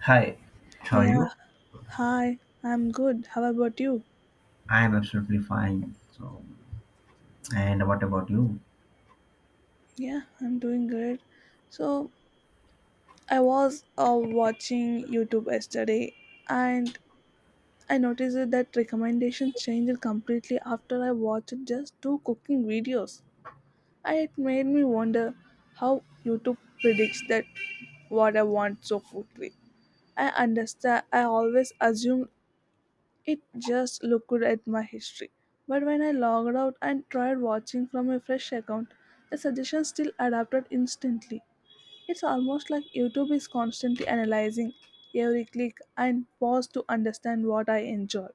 Hi, how are Yeah, you? hi, I'm good. How about you? I am absolutely fine. And what about you? Yeah, I'm doing great. So, I was watching YouTube yesterday and I noticed that recommendations changed completely after I watched just two cooking videos. And it made me wonder how YouTube predicts that what I want so quickly. I understand, I always assumed it just looked at my history. But when I logged out and tried watching from a fresh account, the suggestion still adapted instantly. It's almost like YouTube is constantly analyzing every click and pause to understand what I enjoy.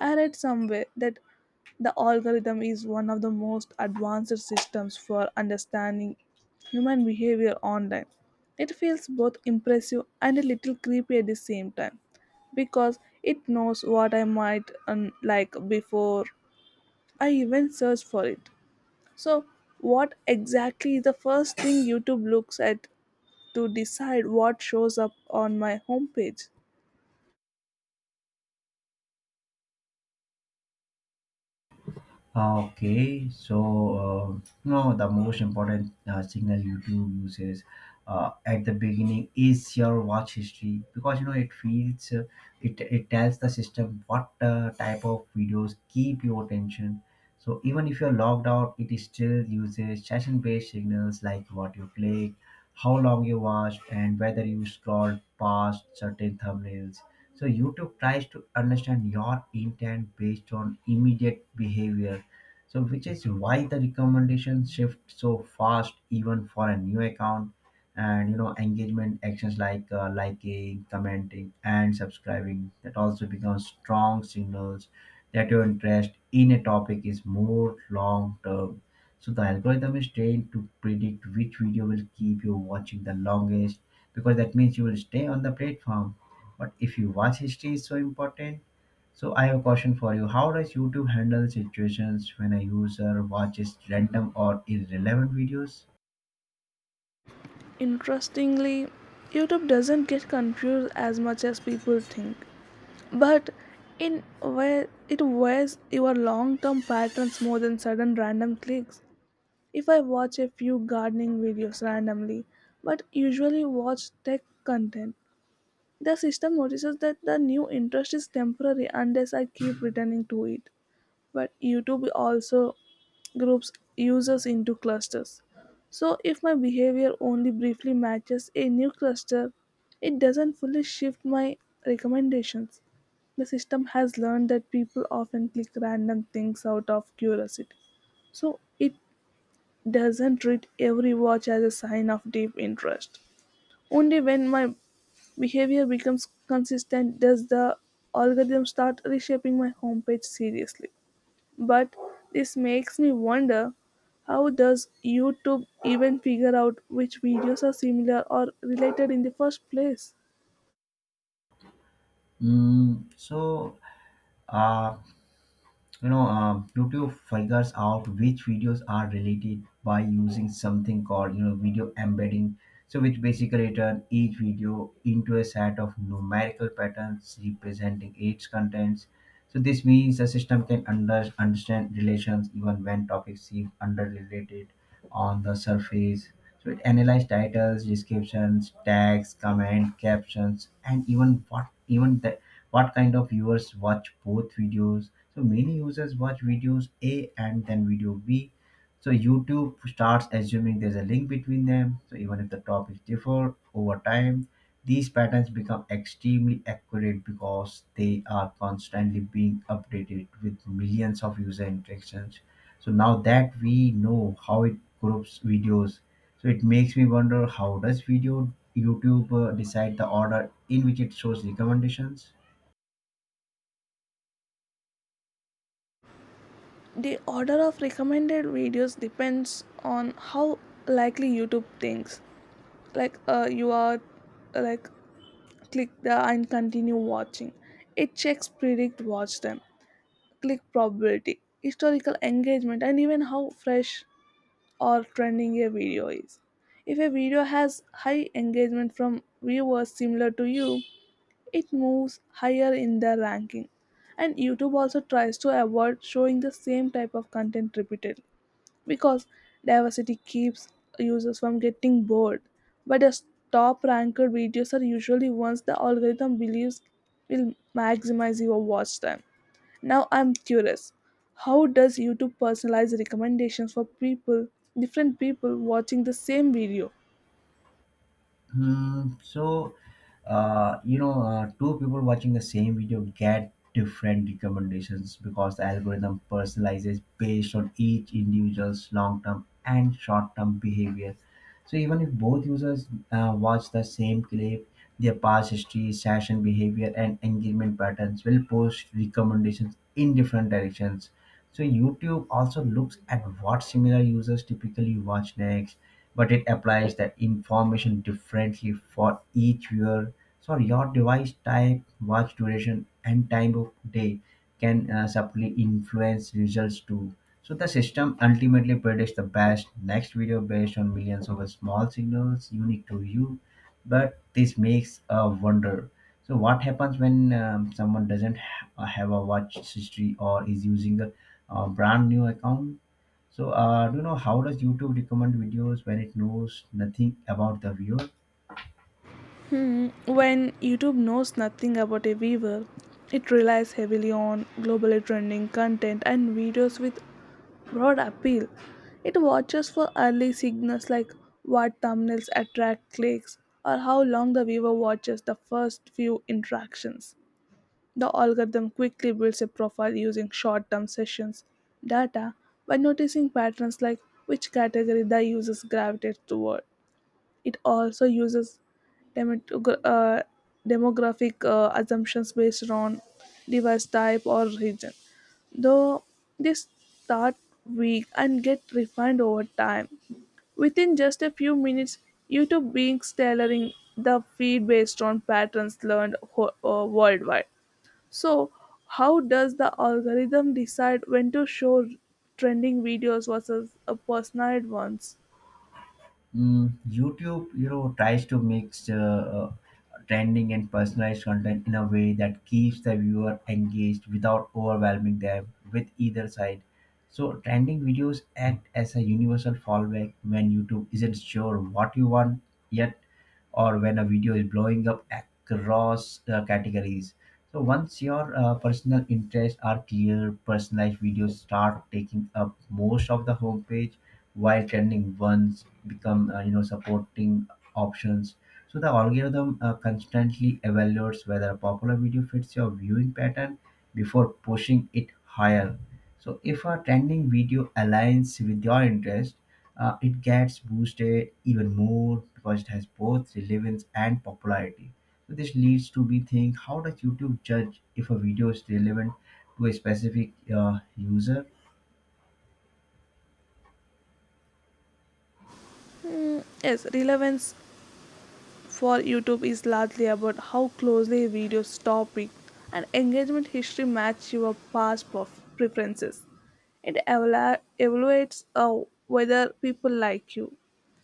I read somewhere that the algorithm is one of the most advanced systems for understanding human behavior online. It feels both impressive and a little creepy at the same time because it knows what I might like before I even search for it. So, what exactly is the first thing YouTube looks at to decide what shows up on my homepage? Ah, Okay, so no, the most important signal YouTube uses at the beginning is your watch history because you know it feels it it tells the system what type of videos keep your attention. So even if you're logged out, it is still uses session-based signals like what you click, how long you watched, and whether you scrolled past certain thumbnails. So YouTube tries to understand your intent based on immediate behavior, so which is why the recommendations shift so fast even for a new account. And you know engagement actions like liking, commenting and subscribing, that also become strong signals that your interest in a topic is more long term. So the algorithm is trained to predict which video will keep you watching the longest, because that means you will stay on the platform. But if you watch history is so important, so I have a question for you. How does YouTube handle situations when a user watches random or irrelevant videos? Interestingly, YouTube doesn't get confused as much as people think, but in where it wears your long-term patterns more than sudden random clicks. If I watch a few gardening videos randomly, but usually watch tech content, the system notices that the new interest is temporary unless I keep returning to it, but YouTube also groups users into clusters. So if my behavior only briefly matches a new cluster, it doesn't fully shift my recommendations. The system has learned that people often click random things out of curiosity. So it doesn't treat every watch as a sign of deep interest. Only when my behavior becomes consistent does the algorithm start reshaping my homepage seriously. But this makes me wonder, how does YouTube even figure out which videos are similar or related in the first place? Mm, so uh, YouTube figures out which videos are related by using something called video embedding, so which basically turn each video into a set of numerical patterns representing its contents. So this means the system can understand relations even when topics seem underrelated on the surface. So it analyzes titles, descriptions, tags, comments, captions, and even what even the what kind of viewers watch both videos. So many users watch videos A and then video B, so YouTube starts assuming there's a link between them. So even if the topics differ over time, these patterns become extremely accurate because they are constantly being updated with millions of user interactions. So now that we know how it groups videos, so it makes me wonder, how does video YouTube decide the order in which it shows recommendations? The order of recommended videos depends on how likely YouTube thinks. Like you are like click the and continue watching. It checks predict watch time, click probability, historical engagement, and even how fresh or trending a video is. If a video has high engagement from viewers similar to you, it moves higher in the ranking. And YouTube also tries to avoid showing the same type of content repeatedly because diversity keeps users from getting bored. But the top ranked videos are usually ones the algorithm believes will maximize your watch time. Now I'm curious, how does YouTube personalize recommendations for people, different people watching the same video? Hmm, so, Two people watching the same video get different recommendations because the algorithm personalizes based on each individual's long term and short term behavior. So, even if both users watch the same clip, their past history, session behavior, and engagement patterns will post recommendations in different directions. So YouTube also looks at what similar users typically watch next, but it applies that information differently for each viewer. So your device type, watch duration, and time of day can subtly influence results too. So the system ultimately predicts the best next video based on millions of small signals unique to you. But this makes a wonder, so what happens when someone doesn't ha- have a watch history or is using a brand new account? So do you know how does YouTube recommend videos when it knows nothing about the viewer? When YouTube knows nothing about a viewer, it relies heavily on globally trending content and videos with broad appeal. It watches for early signals like what thumbnails attract clicks or how long the viewer watches the first few interactions. The algorithm quickly builds a profile using short term sessions data by noticing patterns like which category the users gravitate toward. It also uses demogra- uh, demographic assumptions based on device type or region, though they start weak and get refined over time. Within just a few minutes, YouTube begins tailoring the feed based on patterns learned worldwide. So, how does the algorithm decide when to show trending videos versus a personalized ones? YouTube, you know, tries to mix trending and personalized content in a way that keeps the viewer engaged without overwhelming them with either side. So, trending videos act as a universal fallback when YouTube isn't sure what you want yet, or when a video is blowing up across categories. So, once your personal interests are clear, personalized videos start taking up most of the homepage while trending ones become, you know, supporting options. So the algorithm constantly evaluates whether a popular video fits your viewing pattern before pushing it higher. So if a trending video aligns with your interest, it gets boosted even more because it has both relevance and popularity. So this leads to me think, how does YouTube judge if a video is relevant to a specific user? Yes, relevance for YouTube is largely about how closely videos topic and engagement history match your past preferences. It evaluates whether people like you,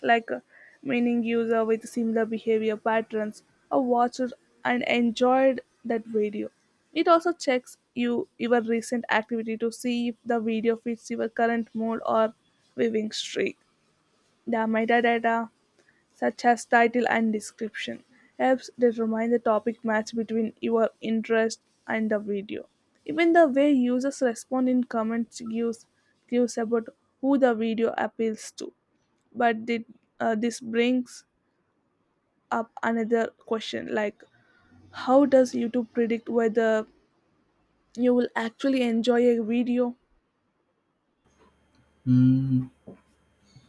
like a meaning user with similar behavior patterns, or watched and enjoyed that video. It also checks you your recent activity to see if the video fits your current mood or viewing streak. The metadata, such as title and description, helps determine the topic match between your interest and the video. Even the way users respond in comments gives clues about who the video appeals to. But did, this brings up another question like, how does YouTube predict whether you will actually enjoy a video? Hmm,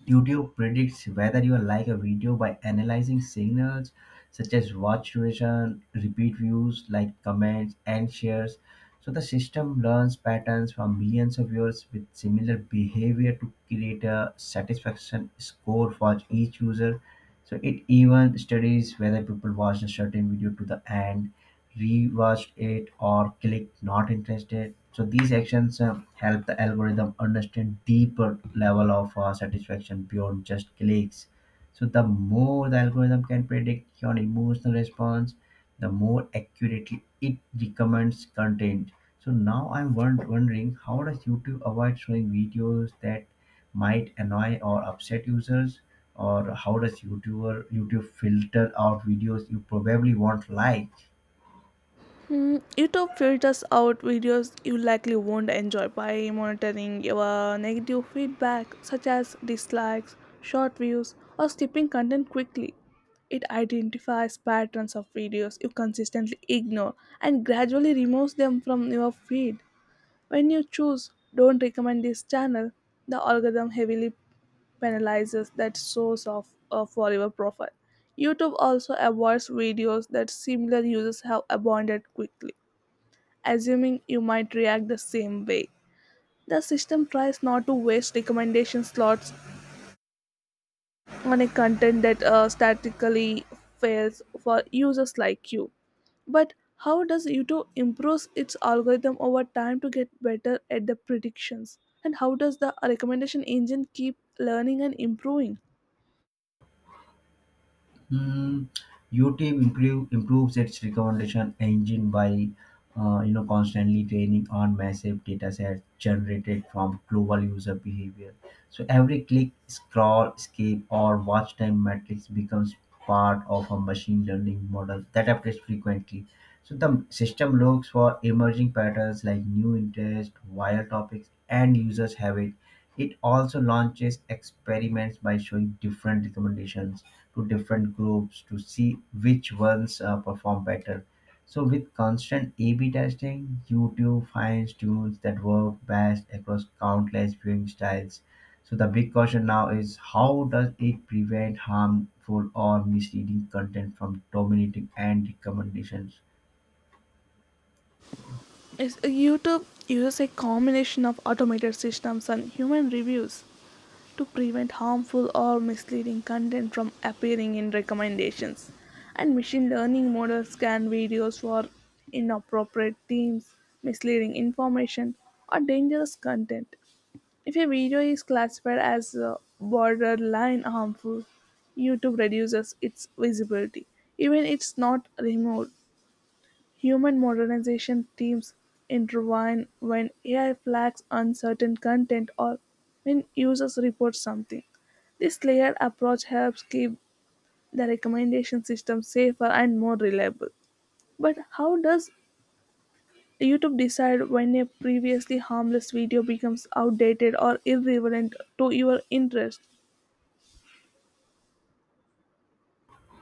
YouTube predicts whether you like a video by analyzing signals such as watch duration, repeat views, like comments, and shares. So the system learns patterns from millions of viewers with similar behavior to create a satisfaction score for each user. So it even studies whether people watch a certain video to the end, rewatched it, or click not interested. So these actions help the algorithm understand deeper level of satisfaction beyond just clicks. So the more the algorithm can predict your emotional response, the more accurately it recommends content. So now I'm wondering, how does YouTube avoid showing videos that might annoy or upset users, or how does YouTube filter out videos you probably won't like? Mm, YouTube filters out videos you likely won't enjoy by monitoring your negative feedback, such as dislikes, short views, or skipping content quickly. It identifies patterns of videos you consistently ignore and gradually removes them from your feed. When you choose Don't Recommend This Channel, the algorithm heavily penalizes that source of a forever profile. YouTube also avoids videos that similar users have abandoned quickly, assuming you might react the same way. The system tries not to waste recommendation slots on a content that statically fails for users like you. But how does YouTube improve its algorithm over time to get better at the predictions? And how does the recommendation engine keep learning and improving? Mm, YouTube improves its recommendation engine by you know constantly training on massive data sets generated from global user behavior. So every click, scroll, skip, or watch time matrix becomes part of a machine learning model that updates frequently. So the system looks for emerging patterns like new interest, viral topics, and users habit. It also launches experiments by showing different recommendations to different groups to see which ones perform better. So with constant A/B testing, YouTube finds tunes that work best across countless viewing styles. So the big question now is, how does it prevent harmful or misleading content from dominating and recommendations? YouTube uses a combination of automated systems and human reviews to prevent harmful or misleading content from appearing in recommendations. And machine learning models scan videos for inappropriate themes, misleading information, or dangerous content. If a video is classified as borderline harmful, YouTube reduces its visibility, even it's not removed. Human modernization themes intervene when AI flags uncertain content or when users report something. This layered approach helps keep the recommendation system safer and more reliable. But how does YouTube decide when a previously harmless video becomes outdated or irrelevant to your interest?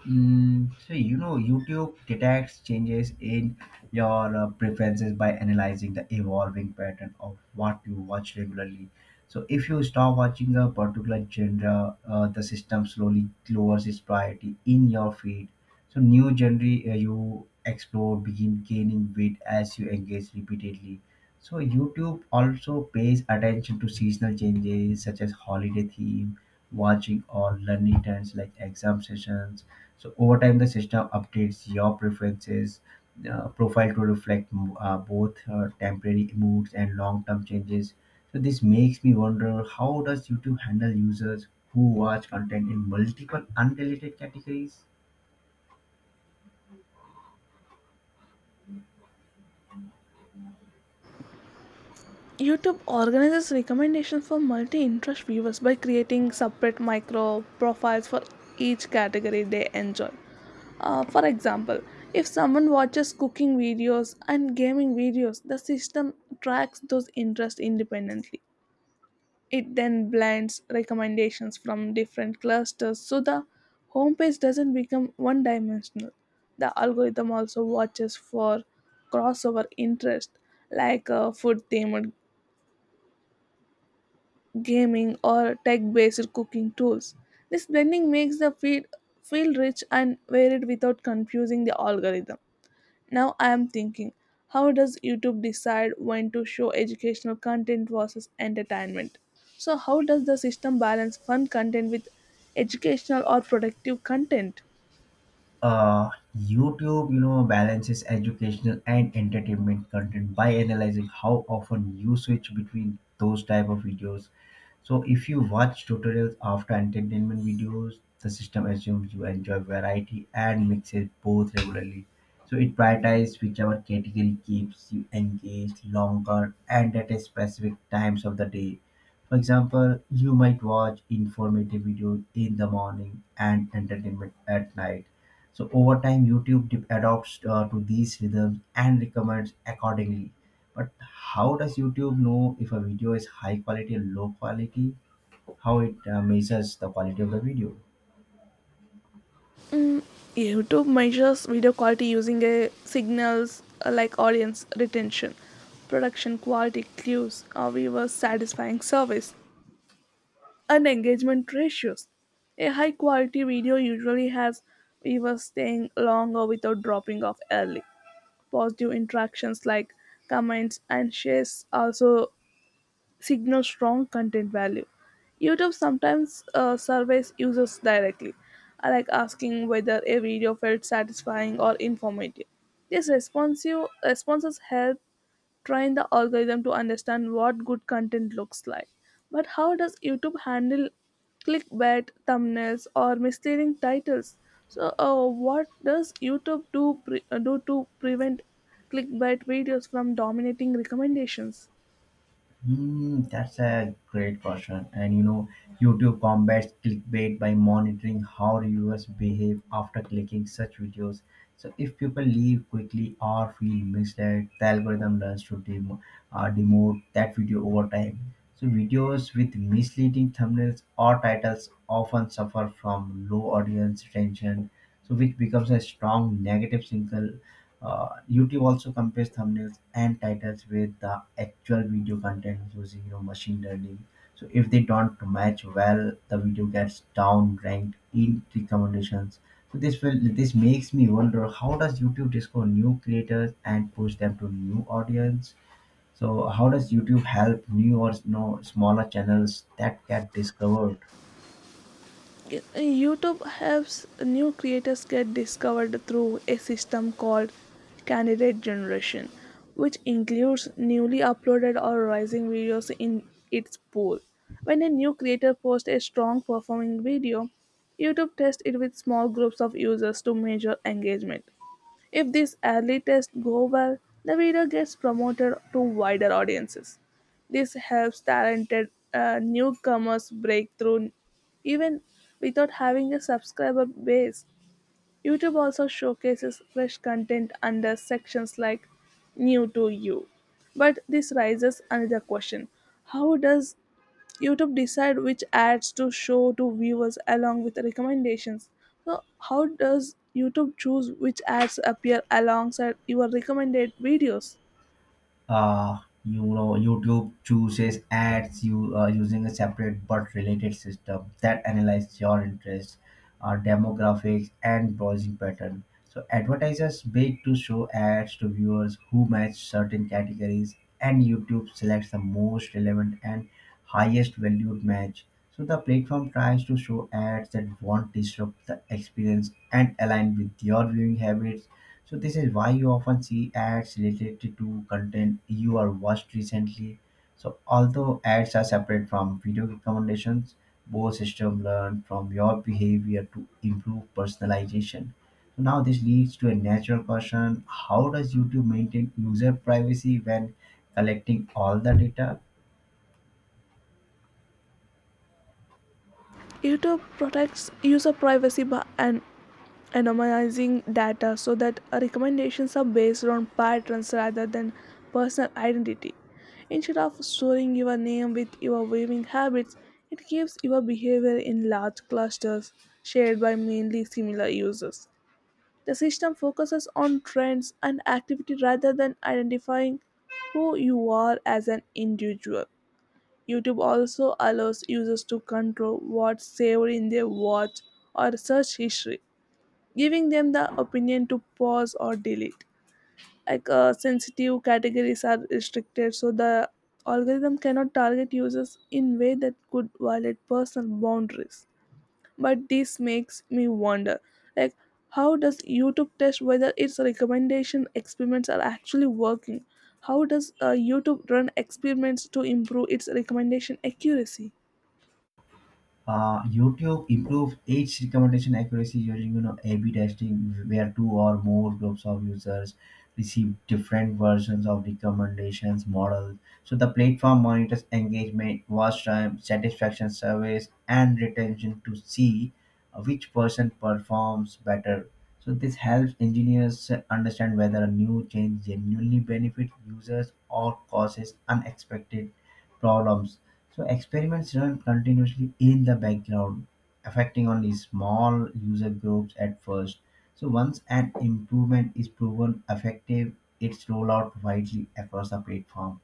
So you know, YouTube detects changes in your preferences by analyzing the evolving pattern of what you watch regularly. So if you stop watching a particular genre, the system slowly lowers its priority in your feed. So new genre you explore begin gaining weight as you engage repeatedly. So YouTube also pays attention to seasonal changes such as holiday theme, watching or learning trends like exam sessions. So over time, the system updates your preferences profile to reflect both temporary moods and long-term changes. So this makes me wonder, how does YouTube handle users who watch content in multiple unrelated categories? YouTube organizes recommendations for multi interest viewers by creating separate micro profiles for each category they enjoy. For example, if someone watches cooking videos and gaming videos, the system tracks those interests independently. It then blends recommendations from different clusters so the homepage doesn't become one dimensional. The algorithm also watches for crossover interest like food themed gaming, or tech based cooking tools. This blending makes the feed feel rich and varied without confusing the algorithm. Now I am thinking, how does YouTube decide when to show educational content versus entertainment? So, how does the system balance fun content with educational or productive content? uh, YouTube, you know, balances educational and entertainment content by analyzing how often you switch between those type of videos. So if you watch tutorials after entertainment videos, the system assumes you enjoy variety and mixes both regularly. So it prioritizes whichever category keeps you engaged longer and at a specific times of the day. For example, you might watch informative videos in the morning and entertainment at night. So over time, YouTube adopts to these rhythms and recommends accordingly. But how does YouTube know if a video is high quality or low quality? How it measures the quality of the video? YouTube measures video quality using a signals like audience retention, production quality cues, or viewers satisfying service and engagement ratios. A high quality video usually has viewers staying longer without dropping off early. Positive interactions like comments and shares also signal strong content value. YouTube sometimes surveys users directly, like asking whether a video felt satisfying or informative. These responsive responses help train the algorithm to understand what good content looks like. But how does YouTube handle clickbait, thumbnails, or misleading titles? So, what does YouTube do to prevent clickbait videos from dominating recommendations? That's a great question. And you know, YouTube combats clickbait by monitoring how viewers behave after clicking such videos. So if people leave quickly or feel misled, the algorithm learns to demote that video over time. So videos with misleading thumbnails or titles often suffer from low audience retention, so which becomes a strong negative signal. YouTube also compares thumbnails and titles with the actual video content using you know machine learning. So if they don't match well, the video gets downranked in recommendations. So this makes me wonder, how does YouTube discover new creators and push them to new audience? So how does YouTube help new or no smaller channels that get discovered? YouTube helps new creators get discovered through a system called candidate generation, which includes newly uploaded or rising videos in its pool. When a new creator posts a strong performing video, YouTube tests it with small groups of users to measure engagement. If these early tests go well, the video gets promoted to wider audiences. This helps talented newcomers break through even without having a subscriber base. YouTube also showcases fresh content under sections like New to You. But this raises another question: how does YouTube decide which ads to show to viewers along with recommendations? So how does YouTube choose which ads appear alongside your recommended videos? You know YouTube chooses ads you using a separate but related system that analyzes your interests, demographics and browsing pattern. So advertisers bid to show ads to viewers who match certain categories, and YouTube selects the most relevant and highest valued match. So the platform tries to show ads that won't disrupt the experience and align with your viewing habits. So this is why you often see ads related to content you are watched recently. So although ads are separate from video recommendations, both system learn from your behavior to improve personalization. So now this leads to a natural question: how does YouTube maintain user privacy when collecting all the data? YouTube protects user privacy by anonymizing data so that recommendations are based on patterns rather than personal identity. Instead of storing your name with your viewing habits, it keeps your behavior in large clusters shared by mainly similar users. The system focuses on trends and activity rather than identifying who you are as an individual. YouTube also allows users to control what's saved in their watch or search history, giving them the opinion to pause or delete. Like sensitive categories are restricted, so the algorithm cannot target users in way that could violate personal boundaries. But this makes me wonder like, how does YouTube test whether its recommendation experiments are actually working? How does YouTube run experiments to improve its recommendation accuracy? YouTube improves each recommendation accuracy using you know A/B testing, where two or more groups of users receive different versions of recommendations models. So the platform monitors engagement, watch time, satisfaction surveys, and retention to see which person performs better. So this helps engineers understand whether a new change genuinely benefits users or causes unexpected problems. So experiments run continuously in the background, affecting only small user groups at first. So once an improvement is proven effective, it's rolled out widely across the platform.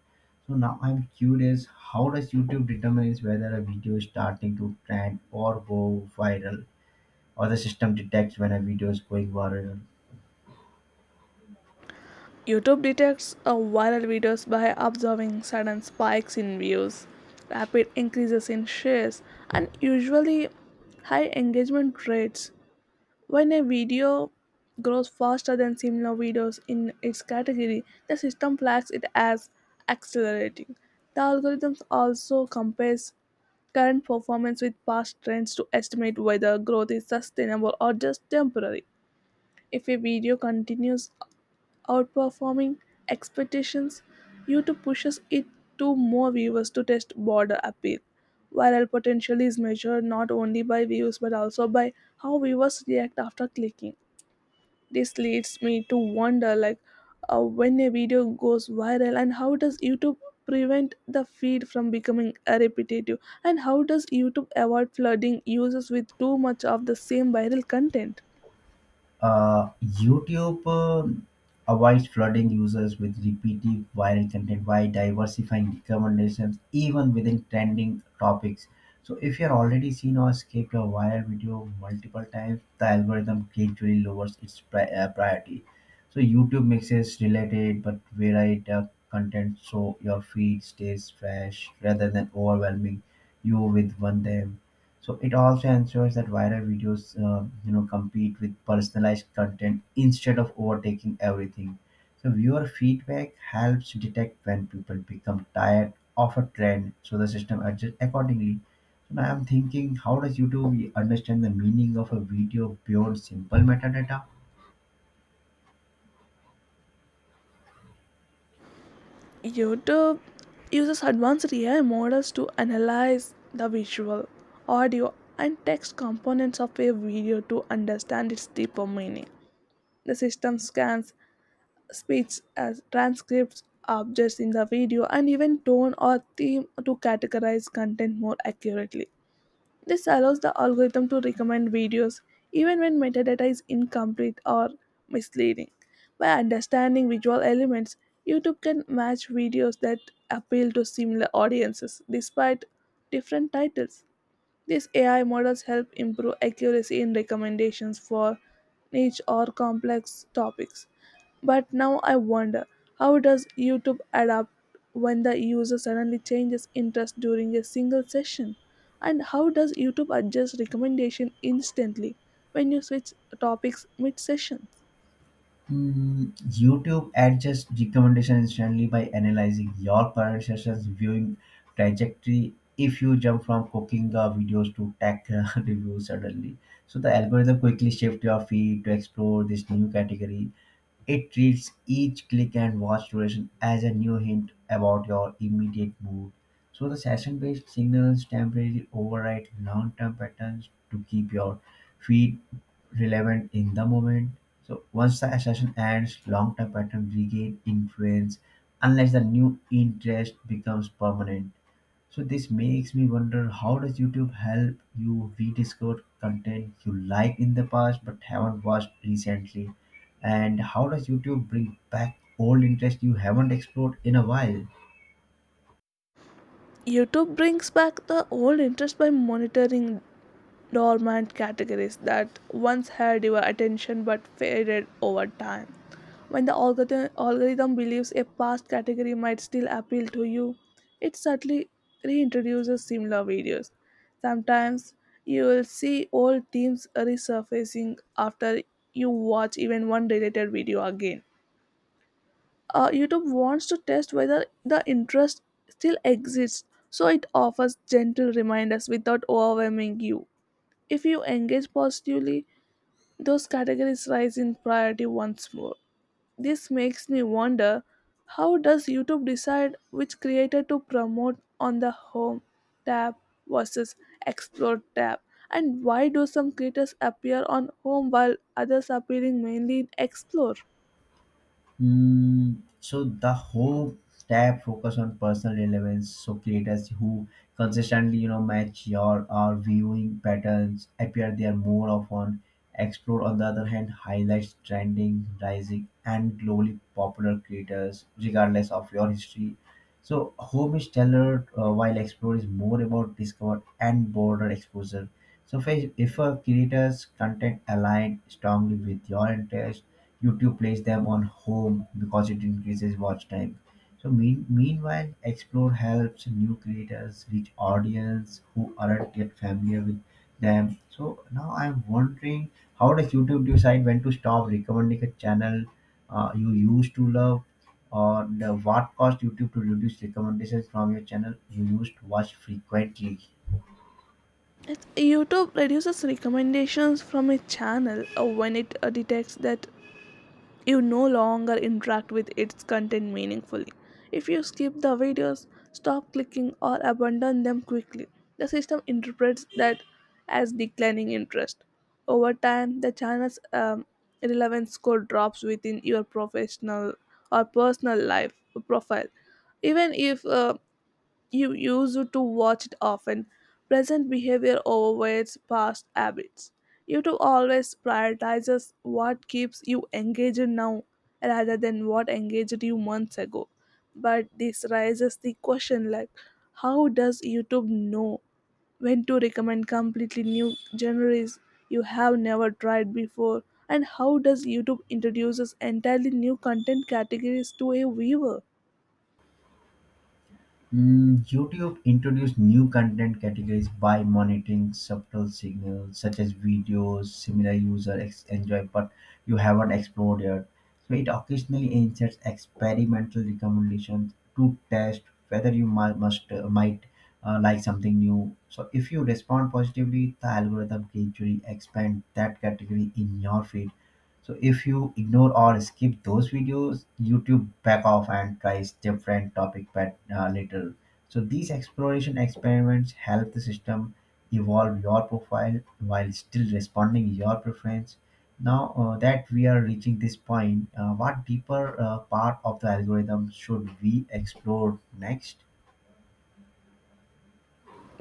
So now I'm curious, how does YouTube determines whether a video is starting to trend or go viral, or the system detects when a video is going viral? YouTube detects viral videos by observing sudden spikes in views, rapid increases in shares, and usually high engagement rates. When a video grows faster than similar videos in its category, the system flags it as accelerating. The algorithm also compares current performance with past trends to estimate whether growth is sustainable or just temporary. If a video continues outperforming expectations, YouTube pushes it to more viewers to test broader appeal. Viral potential is measured not only by views but also by how viewers react after clicking. This leads me to wonder like, when a video goes viral, and how does YouTube prevent the feed from becoming repetitive, and how does YouTube avoid flooding users with too much of the same viral content? YouTube avoids flooding users with repetitive viral content by diversifying recommendations even within trending topics. So, if you're already seen or skipped a viral video multiple times, the algorithm gradually lowers its priority. So, YouTube mixes related but varied content so your feed stays fresh rather than overwhelming you with one day. So it also ensures that viral videos compete with personalized content instead of overtaking everything. So viewer feedback helps detect when people become tired of a trend, so the system adjusts accordingly. So now I'm thinking, how does YouTube understand the meaning of a video beyond simple metadata? YouTube uses advanced AI models to analyze the visual, audio, and text components of a video to understand its deeper meaning. The system scans speech as transcripts, objects in the video, and even tone or theme to categorize content more accurately. This allows the algorithm to recommend videos even when metadata is incomplete or misleading. By understanding visual elements, YouTube can match videos that appeal to similar audiences despite different titles. These AI models help improve accuracy in recommendations for niche or complex topics. But now I wonder, how does YouTube adapt when the user suddenly changes interest during a single session? And how does YouTube adjust recommendation instantly when you switch topics mid session? YouTube adjusts recommendation instantly by analyzing your current session's viewing trajectory. If you jump from cooking videos to tech reviews suddenly, so the algorithm quickly shifts your feed to explore this new category. It treats each click and watch duration as a new hint about your immediate mood. So the session based signals temporarily override long term patterns to keep your feed relevant in the moment. So once the session ends, long term patterns regain influence unless the new interest becomes permanent. So this makes me wonder, how does YouTube help you rediscover content you liked in the past but haven't watched recently? And how does YouTube bring back old interest you haven't explored in a while? YouTube brings back the old interest by monitoring dormant categories that once had your attention but faded over time. When the algorithm believes a past category might still appeal to you, it subtly reintroduces similar videos. Sometimes you will see old themes resurfacing after you watch even one related video again. YouTube wants to test whether the interest still exists, so it offers gentle reminders without overwhelming you. If you engage positively, those categories rise in priority once more. This makes me wonder, how does YouTube decide which creator to promote on the home tab versus explore tab? And why do some creators appear on home while others appearing mainly in explore? So the whole tab focus on personal relevance. So creators who consistently, you know, match your or viewing patterns appear there more often. Explore, on the other hand, highlights trending, rising, and globally popular creators, regardless of your history. So home is tailored, while explore is more about discover and broader exposure. So if a creator's content align strongly with your interest, YouTube plays them on home because it increases watch time. So meanwhile, Explore helps new creators reach audience who aren't yet familiar with them. So now I'm wondering, how does YouTube decide when to stop recommending a channel you used to love, or the what caused YouTube to reduce recommendations from your channel you used to watch frequently? YouTube reduces recommendations from a channel when it detects that you no longer interact with its content meaningfully. If you skip the videos, stop clicking, or abandon them quickly, the system interprets that as declining interest. Over time, the channel's relevance score drops within your professional or personal life profile. Even if you used to watch it often. Present behavior overweights past habits. YouTube always prioritizes what keeps you engaged now rather than what engaged you months ago. But this raises the question like, how does YouTube know when to recommend completely new genres you have never tried before? And how does YouTube introduces entirely new content categories to a viewer? YouTube introduced new content categories by monitoring subtle signals such as videos similar enjoy but you haven't explored yet. So it occasionally inserts experimental recommendations to test whether you might must might like something new. So if you respond positively, the algorithm gradually expand that category in your feed. So if you ignore or skip those videos, YouTube back off and tries different topic but later. So these exploration experiments help the system evolve your profile while still responding your preference. Now that we are reaching this point, what deeper part of the algorithm should we explore next?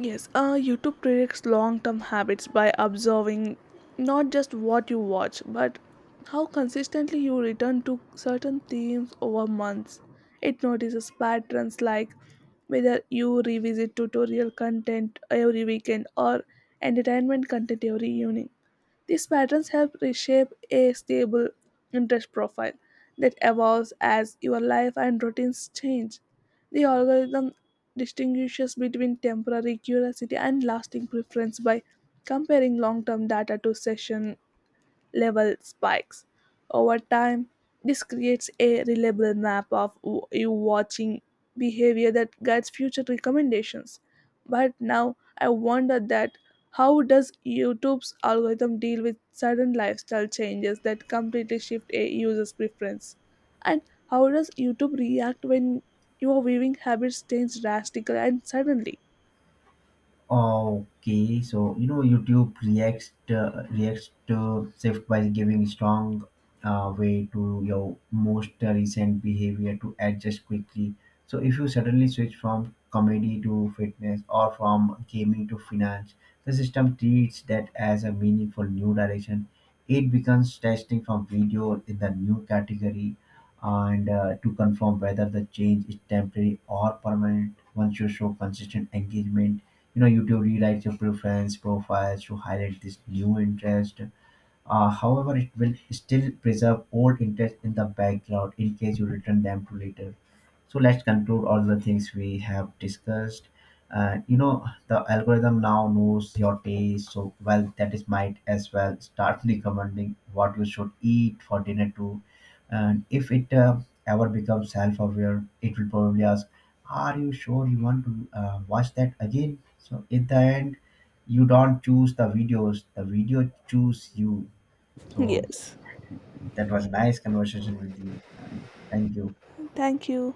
Yes, YouTube predicts long term habits by observing not just what you watch, but how consistently you return to certain themes over months. It notices patterns like whether you revisit tutorial content every weekend or entertainment content every evening. These patterns help reshape a stable interest profile that evolves as your life and routines change. The algorithm distinguishes between temporary curiosity and lasting preference by comparing long term data to session level spikes. Over time, this creates a reliable map of you watching behavior that guides future recommendations. But now I wonder that how does YouTube's algorithm deal with sudden lifestyle changes that completely shift a user's preference? And how does YouTube react when your viewing habits change drastically and suddenly? Okay, so you know YouTube reacts to shift by giving strong way to your most recent behavior to adjust quickly. So if you suddenly switch from comedy to fitness or from gaming to finance, the system treats that as a meaningful new direction. It becomes testing from video in the new category and to confirm whether the change is temporary or permanent. Once you show consistent engagement, you know, YouTube rewrites your preference profiles to highlight this new interest. However, it will still preserve old interest in the background in case you return them to later. So let's conclude all the things we have discussed. The algorithm now knows your taste so well that is might as well start recommending what you should eat for dinner too. And if it ever becomes self-aware, it will probably ask, are you sure you want to watch that again? So in the end, you don't choose the videos, the video choose you. So Yes. that was a nice conversation with you, and thank you. Thank you.